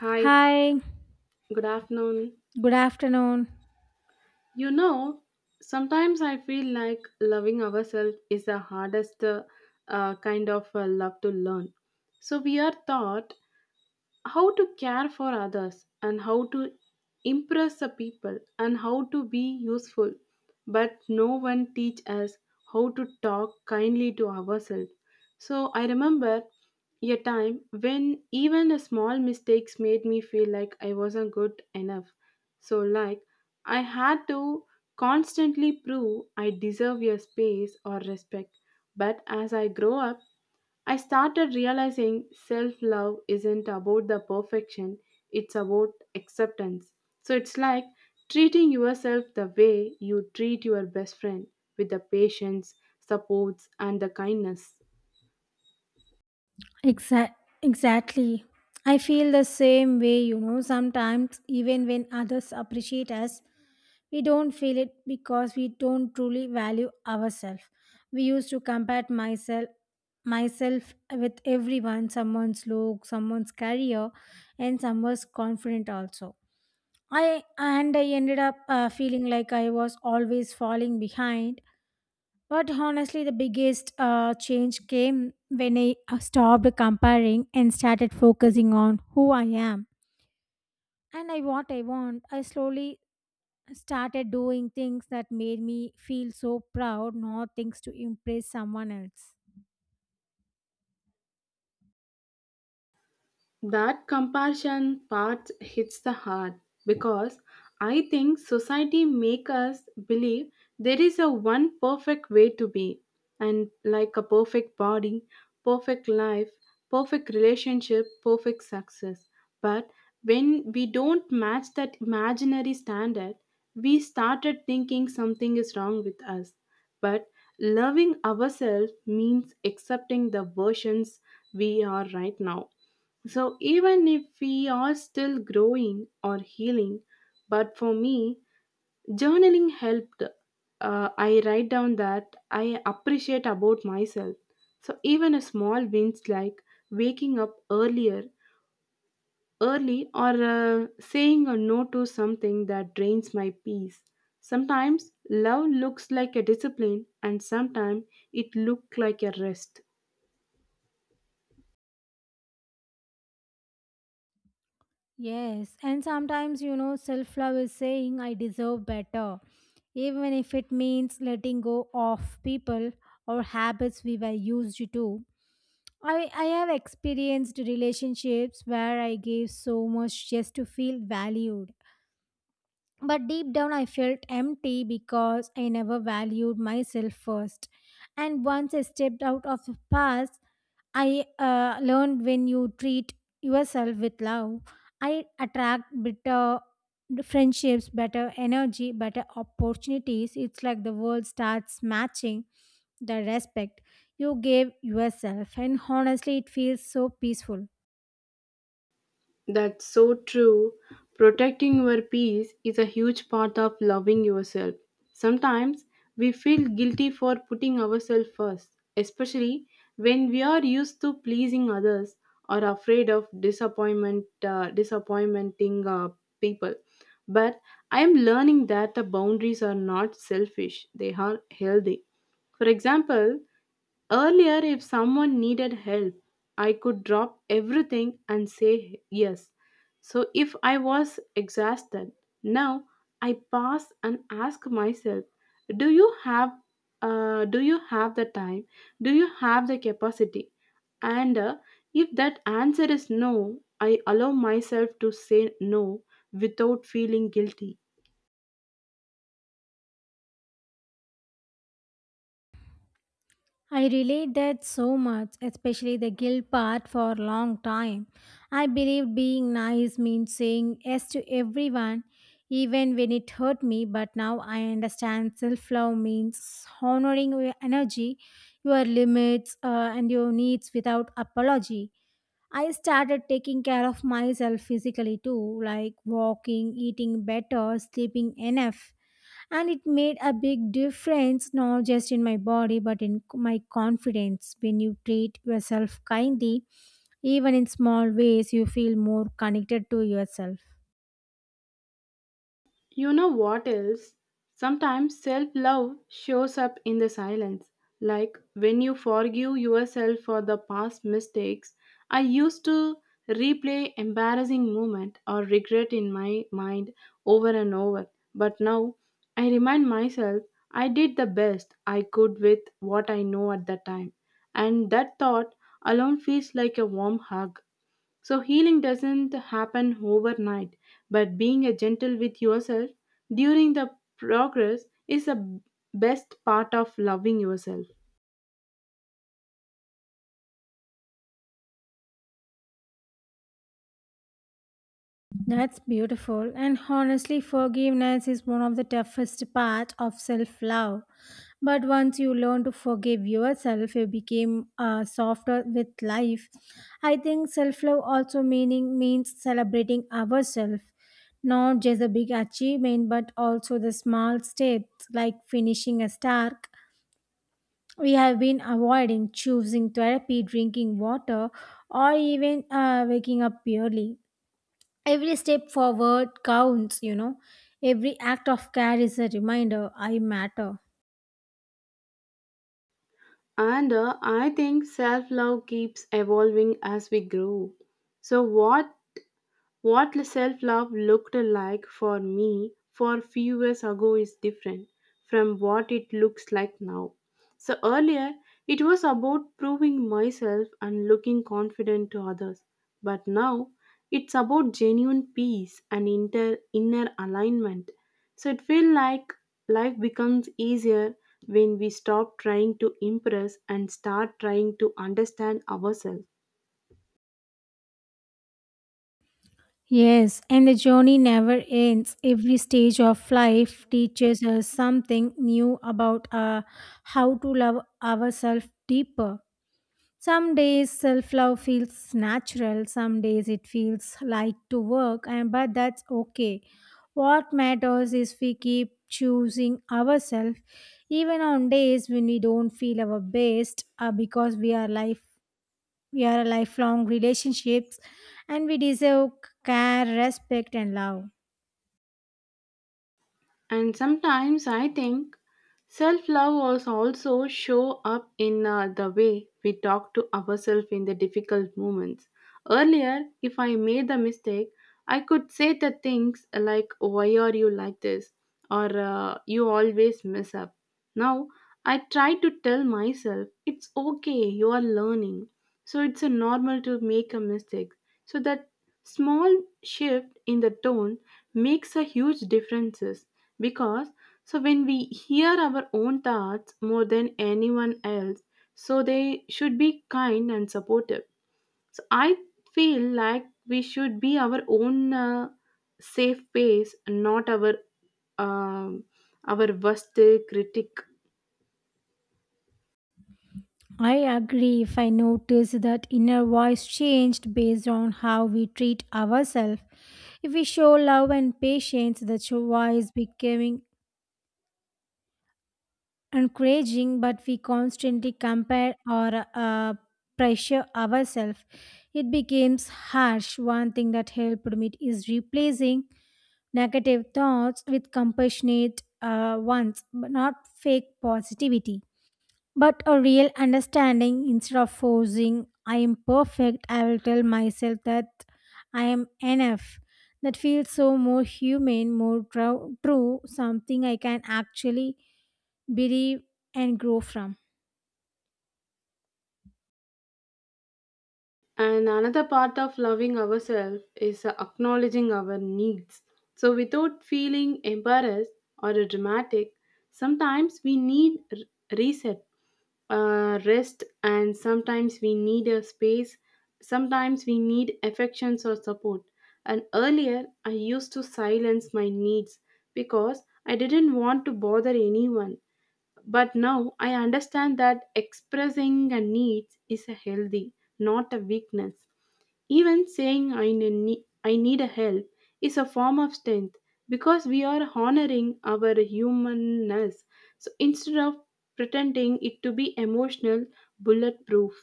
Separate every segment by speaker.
Speaker 1: Hi,
Speaker 2: Hi,
Speaker 1: good afternoon.
Speaker 2: good afternoon.
Speaker 1: You know, sometimes I feel like loving ourselves is the hardest kind of love to learn. So we are taught how to care for others and how to impress the people and how to be useful, but no one teach us how to talk kindly to ourselves. So I remember a time when even a small mistakes made me feel like I wasn't good enough. So, like, I had to constantly prove I deserve your space or respect. But as I grow up, I started realizing self love isn't about the perfection, it's about acceptance. So it's like treating yourself the way you treat your best friend, with the patience, supports, and the kindness.
Speaker 2: Exa- exactly. I feel the same way, you know. Sometimes, even when others appreciate us, we don't feel it because we don't truly value ourselves. We used to compare myself with everyone, someone's look, someone's career, and someone's confident also. I ended up feeling like I was always falling behind. But honestly, the biggest change came when I stopped comparing and started focusing on who I am and I what I want. I slowly started doing things that made me feel so proud, not things to impress someone else.
Speaker 1: That compassion part hits the heart because I think society make us believe there is a one perfect way to be, and like a perfect body, perfect life, perfect relationship, perfect success. But when we don't match that imaginary standard, we started thinking something is wrong with us. But loving ourselves means accepting the versions we are right now, so even if we are still growing or healing, but for me, journaling helped. I write down that I appreciate about myself. So even a small wins like waking up earlier, early, or saying a no to something that drains my peace. Sometimes love looks like a discipline, and sometimes it looks like a rest.
Speaker 2: Yes, and sometimes you know, self love is saying I deserve better even if it means letting go of people or habits we were used to. I have experienced relationships where I gave so much just to feel valued, but deep down, I felt empty because I never valued myself first. And once I stepped out of the past, I learned when you treat yourself with love, I attract better friendships, better energy, better opportunities. It's like the world starts matching the respect you gave yourself. And honestly, it feels so peaceful.
Speaker 1: That's so true. Protecting your peace is a huge part of loving yourself. Sometimes we feel guilty for putting ourselves first, especially when we are used to pleasing others or afraid of disappointment, disappointing people. But I am learning that the boundaries are not selfish; they are healthy. For example, earlier, if someone needed help, I could drop everything and say yes. So, if I was exhausted, now I pause and ask myself, do you have do you have the time? Do you have the capacity? And if that answer is no, I allow myself to say no without feeling guilty.
Speaker 2: I relate that so much, especially the guilt part. For a long time, I believed being nice means saying yes to everyone, even when it hurt me, but now I understand self love means honoring your energy, your limits, and your needs without apology. I started taking care of myself physically too, like walking, eating better, sleeping enough. And it made a big difference, not just in my body, but in my confidence. When you treat yourself kindly, even in small ways, you feel more connected to yourself.
Speaker 1: You know what else? Sometimes self love shows up in the silence, like when you forgive yourself for the past mistakes. I used to replay embarrassing moment or regret in my mind over and over, but now I remind myself I did the best I could with what I know at the time, and that thought alone feels like a warm hug. So healing doesn't happen overnight, but being a gentle with yourself during the progress is the best part of loving yourself.
Speaker 2: That's beautiful. And honestly, forgiveness is one of the toughest part of self-love. But once you learn to forgive yourself, you became softer with life. I think self-love also meaning means celebrating ourselves, not just a big achievement, but also the small steps like finishing a task we have been avoiding, choosing therapy, drinking water, or even waking up early. Every step forward counts, you know. Every act of care is a reminder I matter.
Speaker 1: And I think self love keeps evolving as we grow. So, what self love looked like for me for few years ago is different from what it looks like now. So earlier, it was about proving myself and looking confident to others. But now, it's about genuine peace and inner alignment. So it feels like life becomes easier when we stop trying to impress and start trying to understand ourselves.
Speaker 2: Yes, and the journey never ends. Every stage of life teaches us something new about how to love ourselves deeper. Some days self love feels natural, some days it feels like to work, and but that's okay. What matters is we keep choosing ourselves even on days when we don't feel our best, because we are life we are lifelong relationships and we deserve care, respect and love.
Speaker 1: And sometimes I think self love also show up in the way we talk to ourselves in the difficult moments. Earlier, if I made the mistake, I could say the things like "Why are you like this?" or "You always mess up." Now I try to tell myself it's okay. You are learning, so it's a normal to make a mistake. So that small shift in the tone makes a huge difference, because so when we hear our own thoughts more than anyone else, so they should be kind and supportive. So I feel like we should be our own safe space, not our um, our worst critic.
Speaker 2: I agree if I notice that inner voice changed based on how we treat ourselves. If we show love and patience, the voice becoming encouraging, but we constantly compare or pressure ourselves. It becomes harsh. One thing that helped me is replacing negative thoughts with compassionate ones, but not fake positivity. But a real understanding. Instead of forcing, I am perfect, I will tell myself that I am enough. That feels so more humane, more true, something I can actually believe and grow from.
Speaker 1: And another part of loving ourselves is acknowledging our needs. So, without feeling embarrassed or dramatic, sometimes we need reset, rest, and sometimes we need a space, sometimes we need affections or support. And earlier, I used to silence my needs because I didn't want to bother anyone. But now I understand that expressing a need is a healthy, not a weakness. Even saying I need a help is a form of strength because we are honoring our humanness. So instead of pretending it to be emotional bulletproof.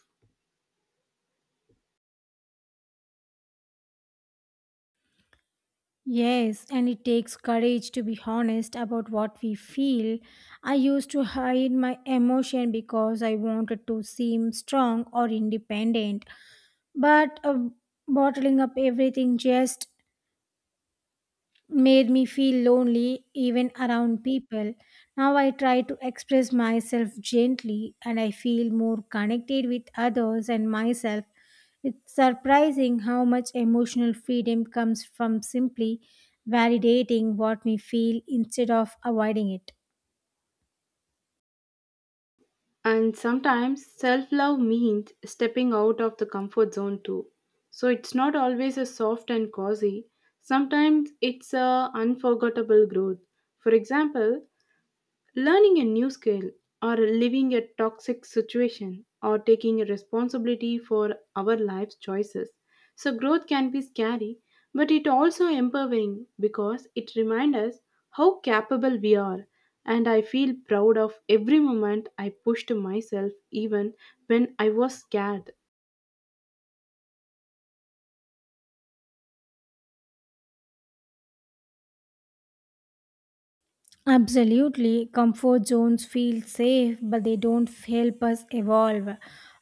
Speaker 2: Yes, and it takes courage to be honest about what we feel. I used to hide my emotion because I wanted to seem strong or independent. But bottling up everything just made me feel lonely even around people. Now I try to express myself gently and I feel more connected with others and myself. It's surprising how much emotional freedom comes from simply validating what we feel instead of avoiding it.
Speaker 1: And sometimes self love means stepping out of the comfort zone too. So it's not always a soft and cozy, sometimes it's a unforgettable growth. For example, learning a new skill or living a toxic situation or taking responsibility for our life's choices. So growth can be scary, but it also empowering because it reminds us how capable we are. And I feel proud of every moment I pushed myself even when I was scared.
Speaker 2: Absolutely. Comfort zones feel safe, but they don't help us evolve.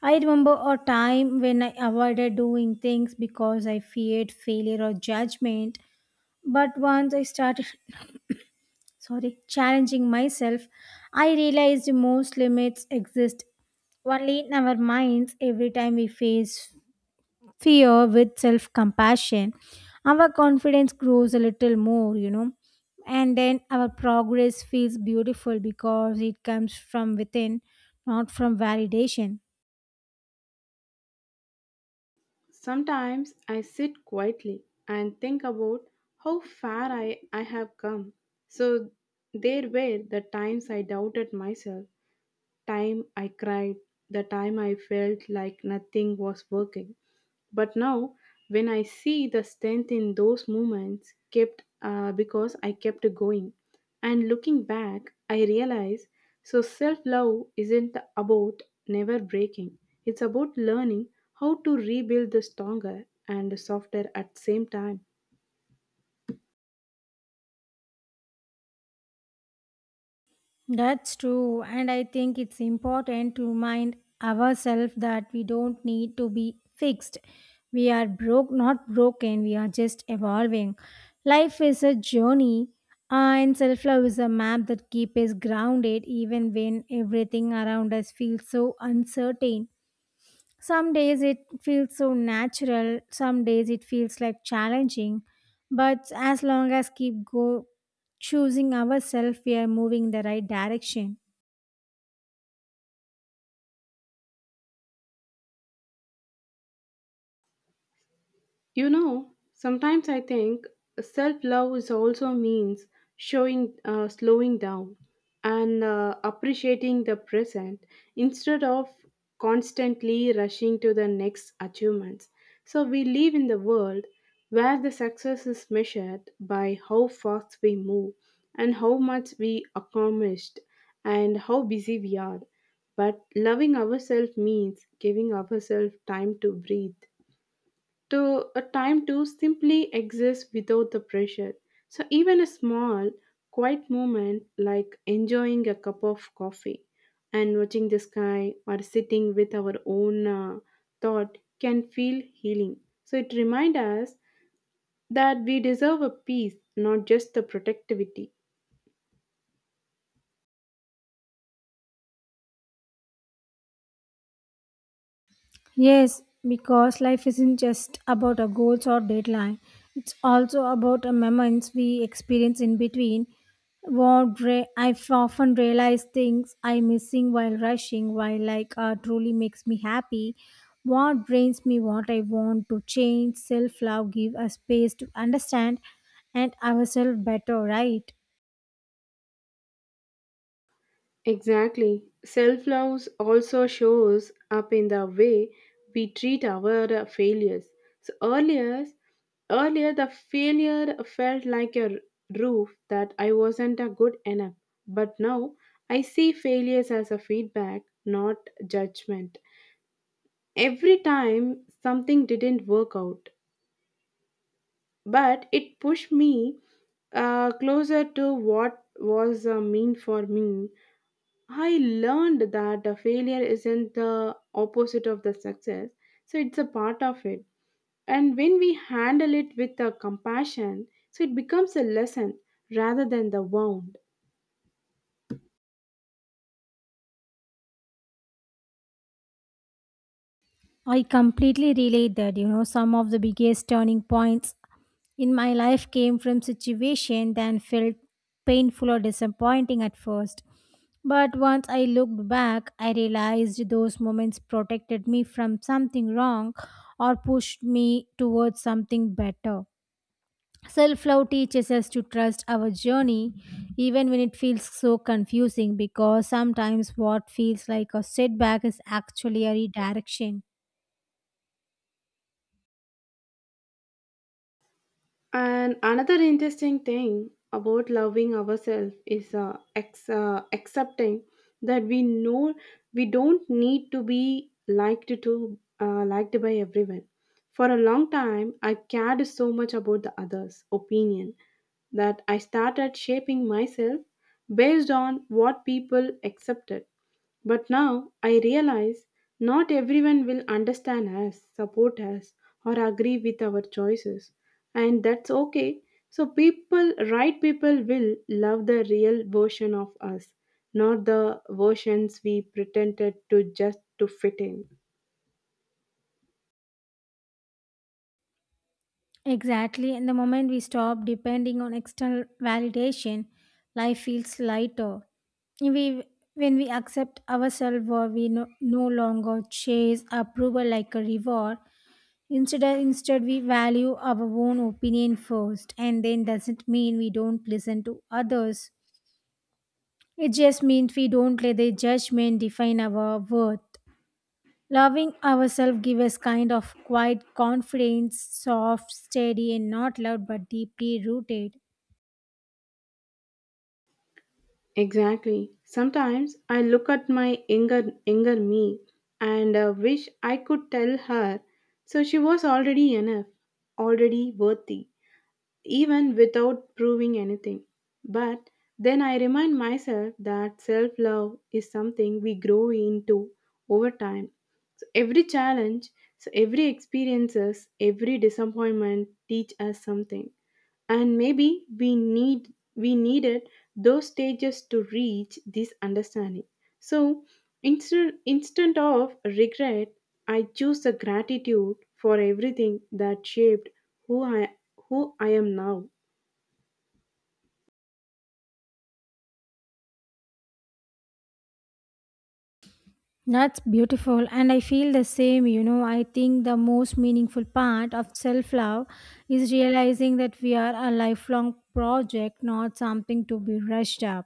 Speaker 2: I remember a time when I avoided doing things because I feared failure or judgment. But once I started sorry, challenging myself, I realized most limits exist only in our minds. Every time we face fear with self-compassion, our confidence grows a little more, you know. And then our progress feels beautiful because it comes from within, not from validation.
Speaker 1: Sometimes I sit quietly and think about how far I have come. So there were the times I doubted myself, time I cried, the time I felt like nothing was working. But now, when I see the strength in those moments, kept because I kept going. And looking back, I realize so self love isn't about never breaking. It's about learning how to rebuild the stronger and softer at the same time.
Speaker 2: That's true, and I think it's important to remind ourselves that we don't need to be fixed. We are broke, not broken, we are just evolving. Life is a journey, and self love is a map that keeps us grounded even when everything around us feels so uncertain. Some days it feels so natural, some days it feels like challenging, but as long as keep go choosing ourselves, we are moving in the right direction.
Speaker 1: You know, sometimes I think self love is also means showing slowing down and appreciating the present instead of constantly rushing to the next achievements. So we live in the world where the success is measured by how fast we move and how much we accomplished and how busy we are. But loving ourselves means giving ourselves time to breathe, to a time to simply exist without the pressure. So even a small, quiet moment like enjoying a cup of coffee and watching the sky or sitting with our own thought can feel healing. So it reminds us that we deserve a peace, not just the protectivity.
Speaker 2: Yes, because life isn't just about our goals or deadline. It's also about the moments we experience in between. I often realize things I'm missing while rushing, while like truly makes me happy. What drains me, what I want to change, self love, give us space to understand and ourselves better, right?
Speaker 1: Exactly. Self love also shows up in the way we treat our failures. So earlier the failure felt like a roof that I wasn't a good enough. But now I see failures as a feedback, not judgment. Every time something didn't work out, but it pushed me closer to what was mean for me. I learned that a failure isn't the opposite of the success, so it's a part of it. And when we handle it with a compassion, so it becomes a lesson rather than the wound.
Speaker 2: I completely relate that, you know, some of the biggest turning points in my life came from situation that felt painful or disappointing at first. But once I looked back, I realized those moments protected me from something wrong or pushed me towards something better. Self love teaches us to trust our journey even when it feels so confusing, because sometimes what feels like a setback is actually a redirection.
Speaker 1: And another interesting thing about loving ourselves is accepting that we know we don't need to be liked by everyone. For a long time, I cared so much about the others' opinion that I started shaping myself based on what people accepted. But now I realize not everyone will understand us, support us, or agree with our choices. And that's okay. So, right people will love the real version of us, not the versions we pretended to just to fit in.
Speaker 2: Exactly. And the moment we stop depending on external validation, life feels lighter. If We, when we accept ourselves or we no longer chase approval like a reward, instead we value our own opinion first. And then doesn't mean we don't listen to others. It just means we don't let the judgment define our worth. Loving ourselves gives us kind of quiet confidence, soft, steady, and not loud but deeply rooted.
Speaker 1: Exactly. Sometimes I look at my younger me and wish I could tell her so she was already enough, already worthy, even without proving anything. But then I remind myself that self-love is something we grow into over time. So every challenge, so every experiences, every disappointment teach us something, and maybe we needed those stages to reach this understanding. So instead of regret, I choose the gratitude for everything that shaped who i who I am now.
Speaker 2: That's beautiful, and I feel the same. You know, I think the most meaningful part of self love is realizing that we are a lifelong project, not something to be rushed up,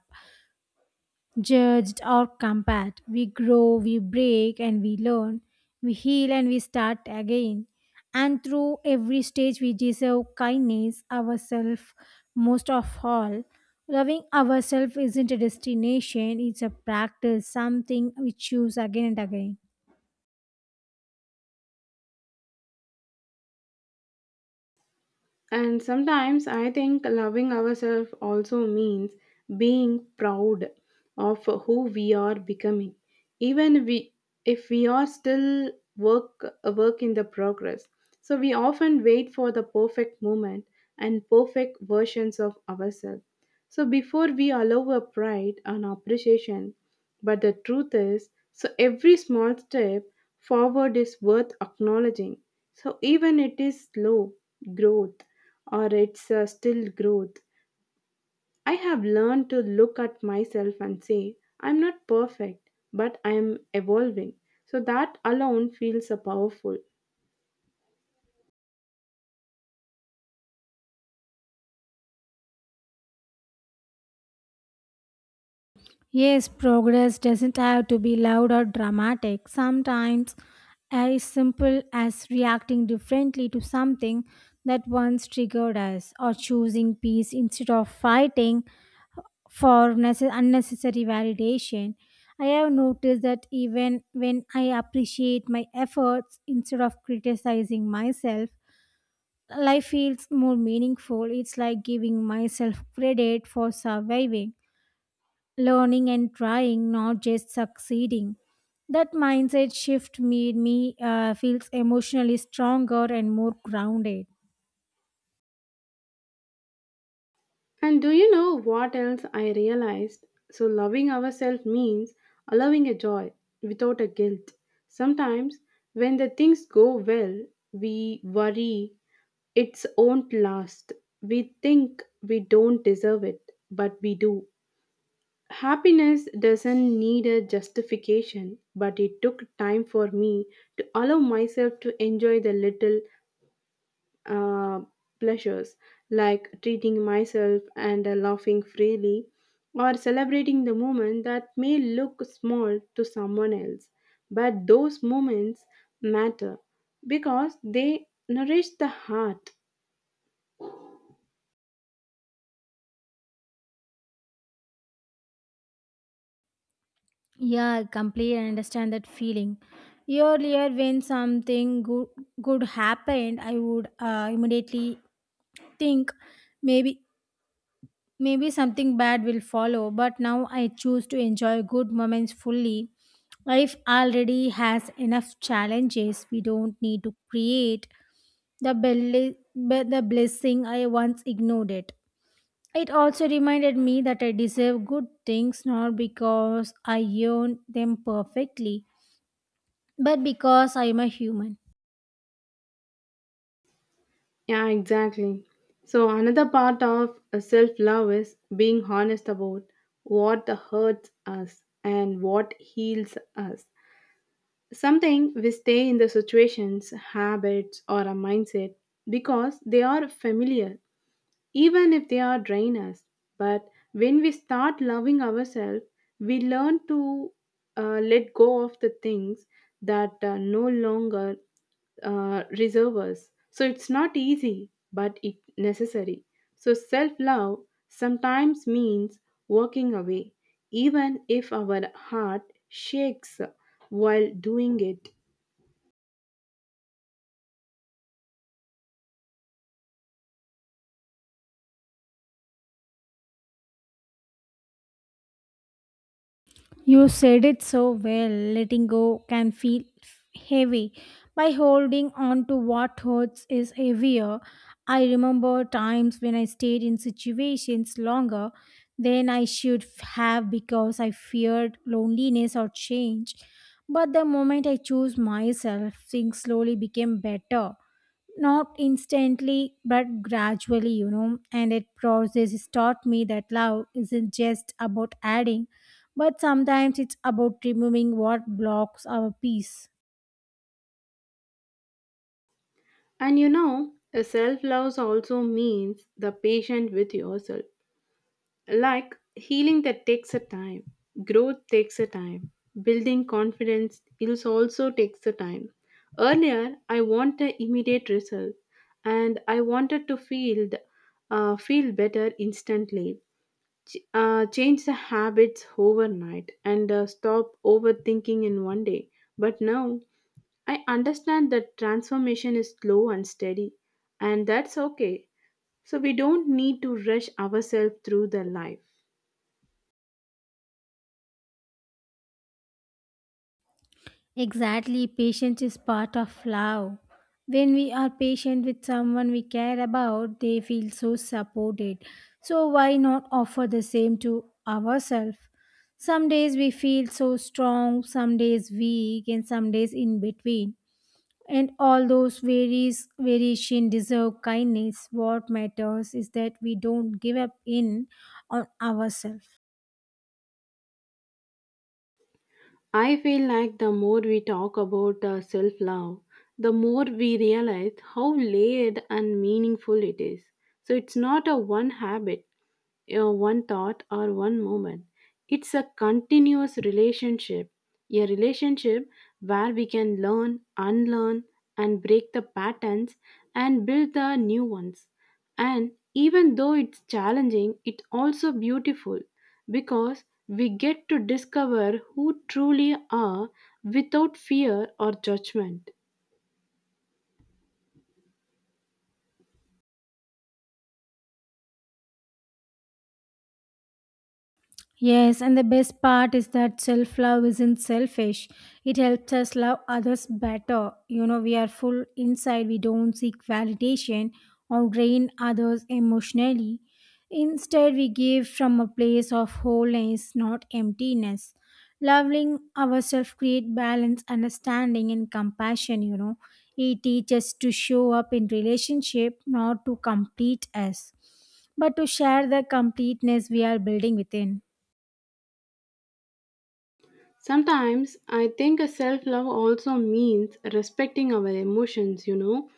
Speaker 2: judged or compared. We grow, we break, and we learn. We heal and we start again. And through every stage, we deserve kindness, ourselves most of all. Loving ourselves isn't a destination, it's a practice, something we choose again and again.
Speaker 1: And sometimes I think loving ourselves also means being proud of who we are becoming, even we, if we are still work a work in the progress. So we often wait for the perfect moment and perfect versions of ourselves. So before we allow a pride and appreciation, but the truth is, so every small step forward is worth acknowledging. So even it is slow growth, or it's still growth. I have learned to look at myself and say, I'm not perfect, but I am evolving. So that alone feels powerful.
Speaker 2: Yes, progress doesn't have to be loud or dramatic. Sometimes as simple as reacting differently to something that once triggered us, or choosing peace instead of fighting for unnecessary validation. I have noticed that even when I appreciate my efforts instead of criticizing myself, life feels more meaningful. It's like giving myself credit for surviving, learning and trying, not just succeeding. That mindset shift made me feels emotionally stronger and more grounded.
Speaker 1: And do you know what else I realized? So, loving ourselves means allowing a joy without a guilt. Sometimes, when the things go well, we worry it won't last. We think we don't deserve it, but we do. Happiness doesn't need a justification, but it took time for me to allow myself to enjoy the little uh, pleasures like treating myself and laughing freely or celebrating the moment that may look small to someone else. But those moments matter because they nourish the heart.
Speaker 2: Yeah, I completely understand that feeling. Earlier, when something good happened, I would immediately think maybe maybe something bad will follow. But now I choose to enjoy good moments fully. Life already has enough challenges. We don't need to create the, belle- the blessing I once ignored it. It also reminded me that I deserve good things not because I earned them perfectly, but because I am a human.
Speaker 1: Yeah, exactly. So, another part of self love is being honest about what hurts us and what heals us. Sometimes we stay in the situations, habits, or a mindset because they are familiar, even if they are drain us. But when we start loving ourselves, we learn to let go of the things that no longer reserve us. So it's not easy, but it necessary. So self love sometimes means walking away, even if our heart shakes while doing it.
Speaker 2: You said it so well. Letting go can feel heavy. By holding on to what hurts is heavier. I remember times when I stayed in situations longer than I should have because I feared loneliness or change. But the moment I chose myself, things slowly became better. Not instantly, but gradually, you know. And that process has taught me that love isn't just about adding but sometimes it's about removing what blocks our peace.
Speaker 1: And you know, self love also means the patient with yourself. Like healing that takes a time, growth takes a time, building confidence is also takes a time. Earlier, I want an immediate result, and I wanted to feel better instantly. Change the habits overnight and stop overthinking in one day. But now, I understand that transformation is slow and steady, and that's okay. So we don't need to rush ourselves through the life.
Speaker 2: Exactly, patience is part of love. When we are patient with someone we care about, they feel so supported. So, why not offer the same to ourselves? Some days we feel so strong, some days weak, and some days in between. And all those varies variation deserve kindness. What matters is that we don't give up in on ourselves.
Speaker 1: I feel like the more we talk about self love, the more we realize how layered and meaningful it is. So it's not a one habit, one thought or one moment. It's a continuous relationship, a relationship where we can learn, unlearn, and break the patterns and build the new ones. And even though it's challenging, it's also beautiful because we get to discover who truly are without fear or judgment.
Speaker 2: Yes, and the best part is that self love isn't selfish. It helps us love others better. You know, we are full inside, we don't seek validation or drain others emotionally. Instead, we give from a place of wholeness, not emptiness. Loving ourselves creates balance, understanding, and compassion. You know, it teaches us to show up in relationship, not to complete us, but to share the completeness we are building within.
Speaker 1: Sometimes I think a self love also means respecting our emotions, you know,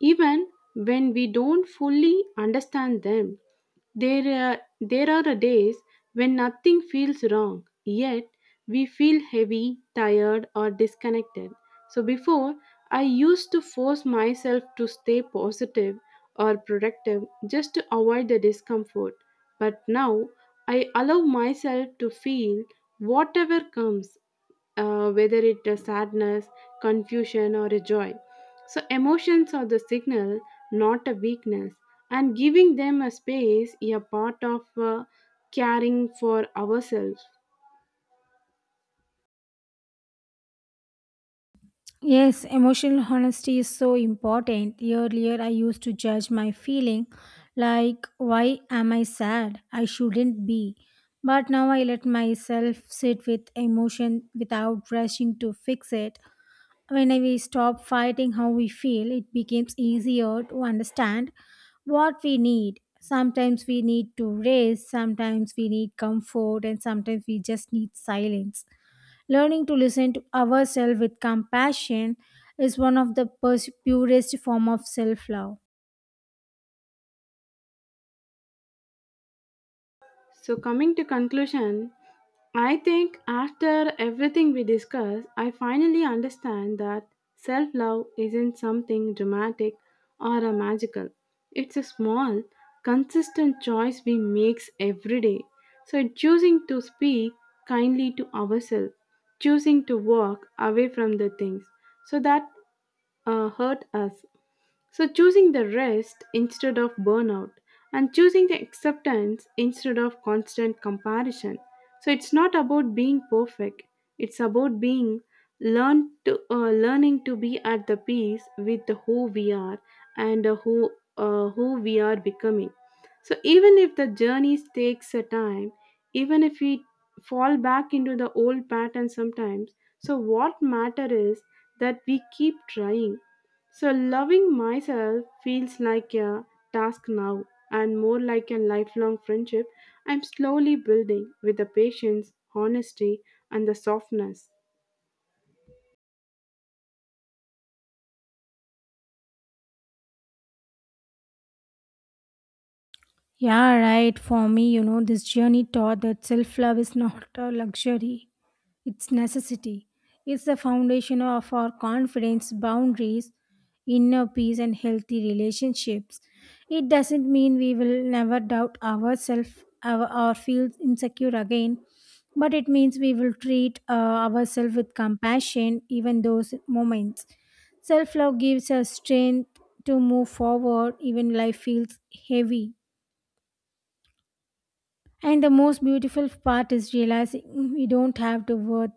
Speaker 1: even when we don't fully understand them. There are days when nothing feels wrong, yet we feel heavy, tired, or disconnected. So before, I used to force myself to stay positive or productive just to avoid the discomfort. But now I allow myself to feel whatever comes, whether it is sadness, confusion, or a joy. So, emotions are the signal, not a weakness, and giving them a space is a part of caring for ourselves.
Speaker 2: Yes, emotional honesty is so important. Earlier, I used to judge my feeling like, why am I sad? I shouldn't be. But now I let myself sit with emotion without rushing to fix it. When we stop fighting how we feel, it becomes easier to understand what we need. Sometimes we need to rest, sometimes we need comfort, and sometimes we just need silence. Learning to listen to ourselves with compassion is one of the purest form of self-love.
Speaker 1: So coming to conclusion, I think after everything we discuss, I finally understand that self-love isn't something dramatic or a magical. It's a small, consistent choice we makes every day. So choosing to speak kindly to ourselves, choosing to walk away from the things so that hurt us, so, choosing the rest instead of burnout and choosing the acceptance instead of constant comparison. So, it's not about being perfect, it's about being learn to learning to be at the peace with who we are and who we are becoming. So even if the journey takes a time, even if we fall back into the old pattern sometimes, so what matter is that we keep trying. So, loving myself feels like a task now, and more like a lifelong friendship I'm slowly building with the patience, honesty, and the softness.
Speaker 2: Yeah, right. For me, you know, this journey taught that self love is not a luxury, it's necessity. It's the foundation of our confidence, boundaries, inner peace, and healthy relationships. It doesn't mean we will never doubt ourselves our, or feel insecure again, but it means we will treat ourselves with compassion, even those moments. Self love gives us strength to move forward, even life feels heavy. And the most beautiful part is realizing we don't have to worth.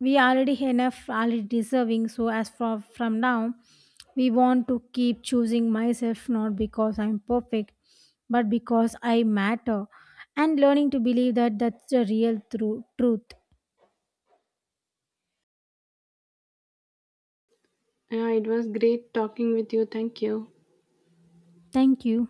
Speaker 2: We already enough, already deserving. So as from now, we want to keep choosing myself not because I'm perfect, but because I matter. And learning to believe that that's the real truth.
Speaker 1: Yeah, it was great talking with you. Thank you.
Speaker 2: Thank you.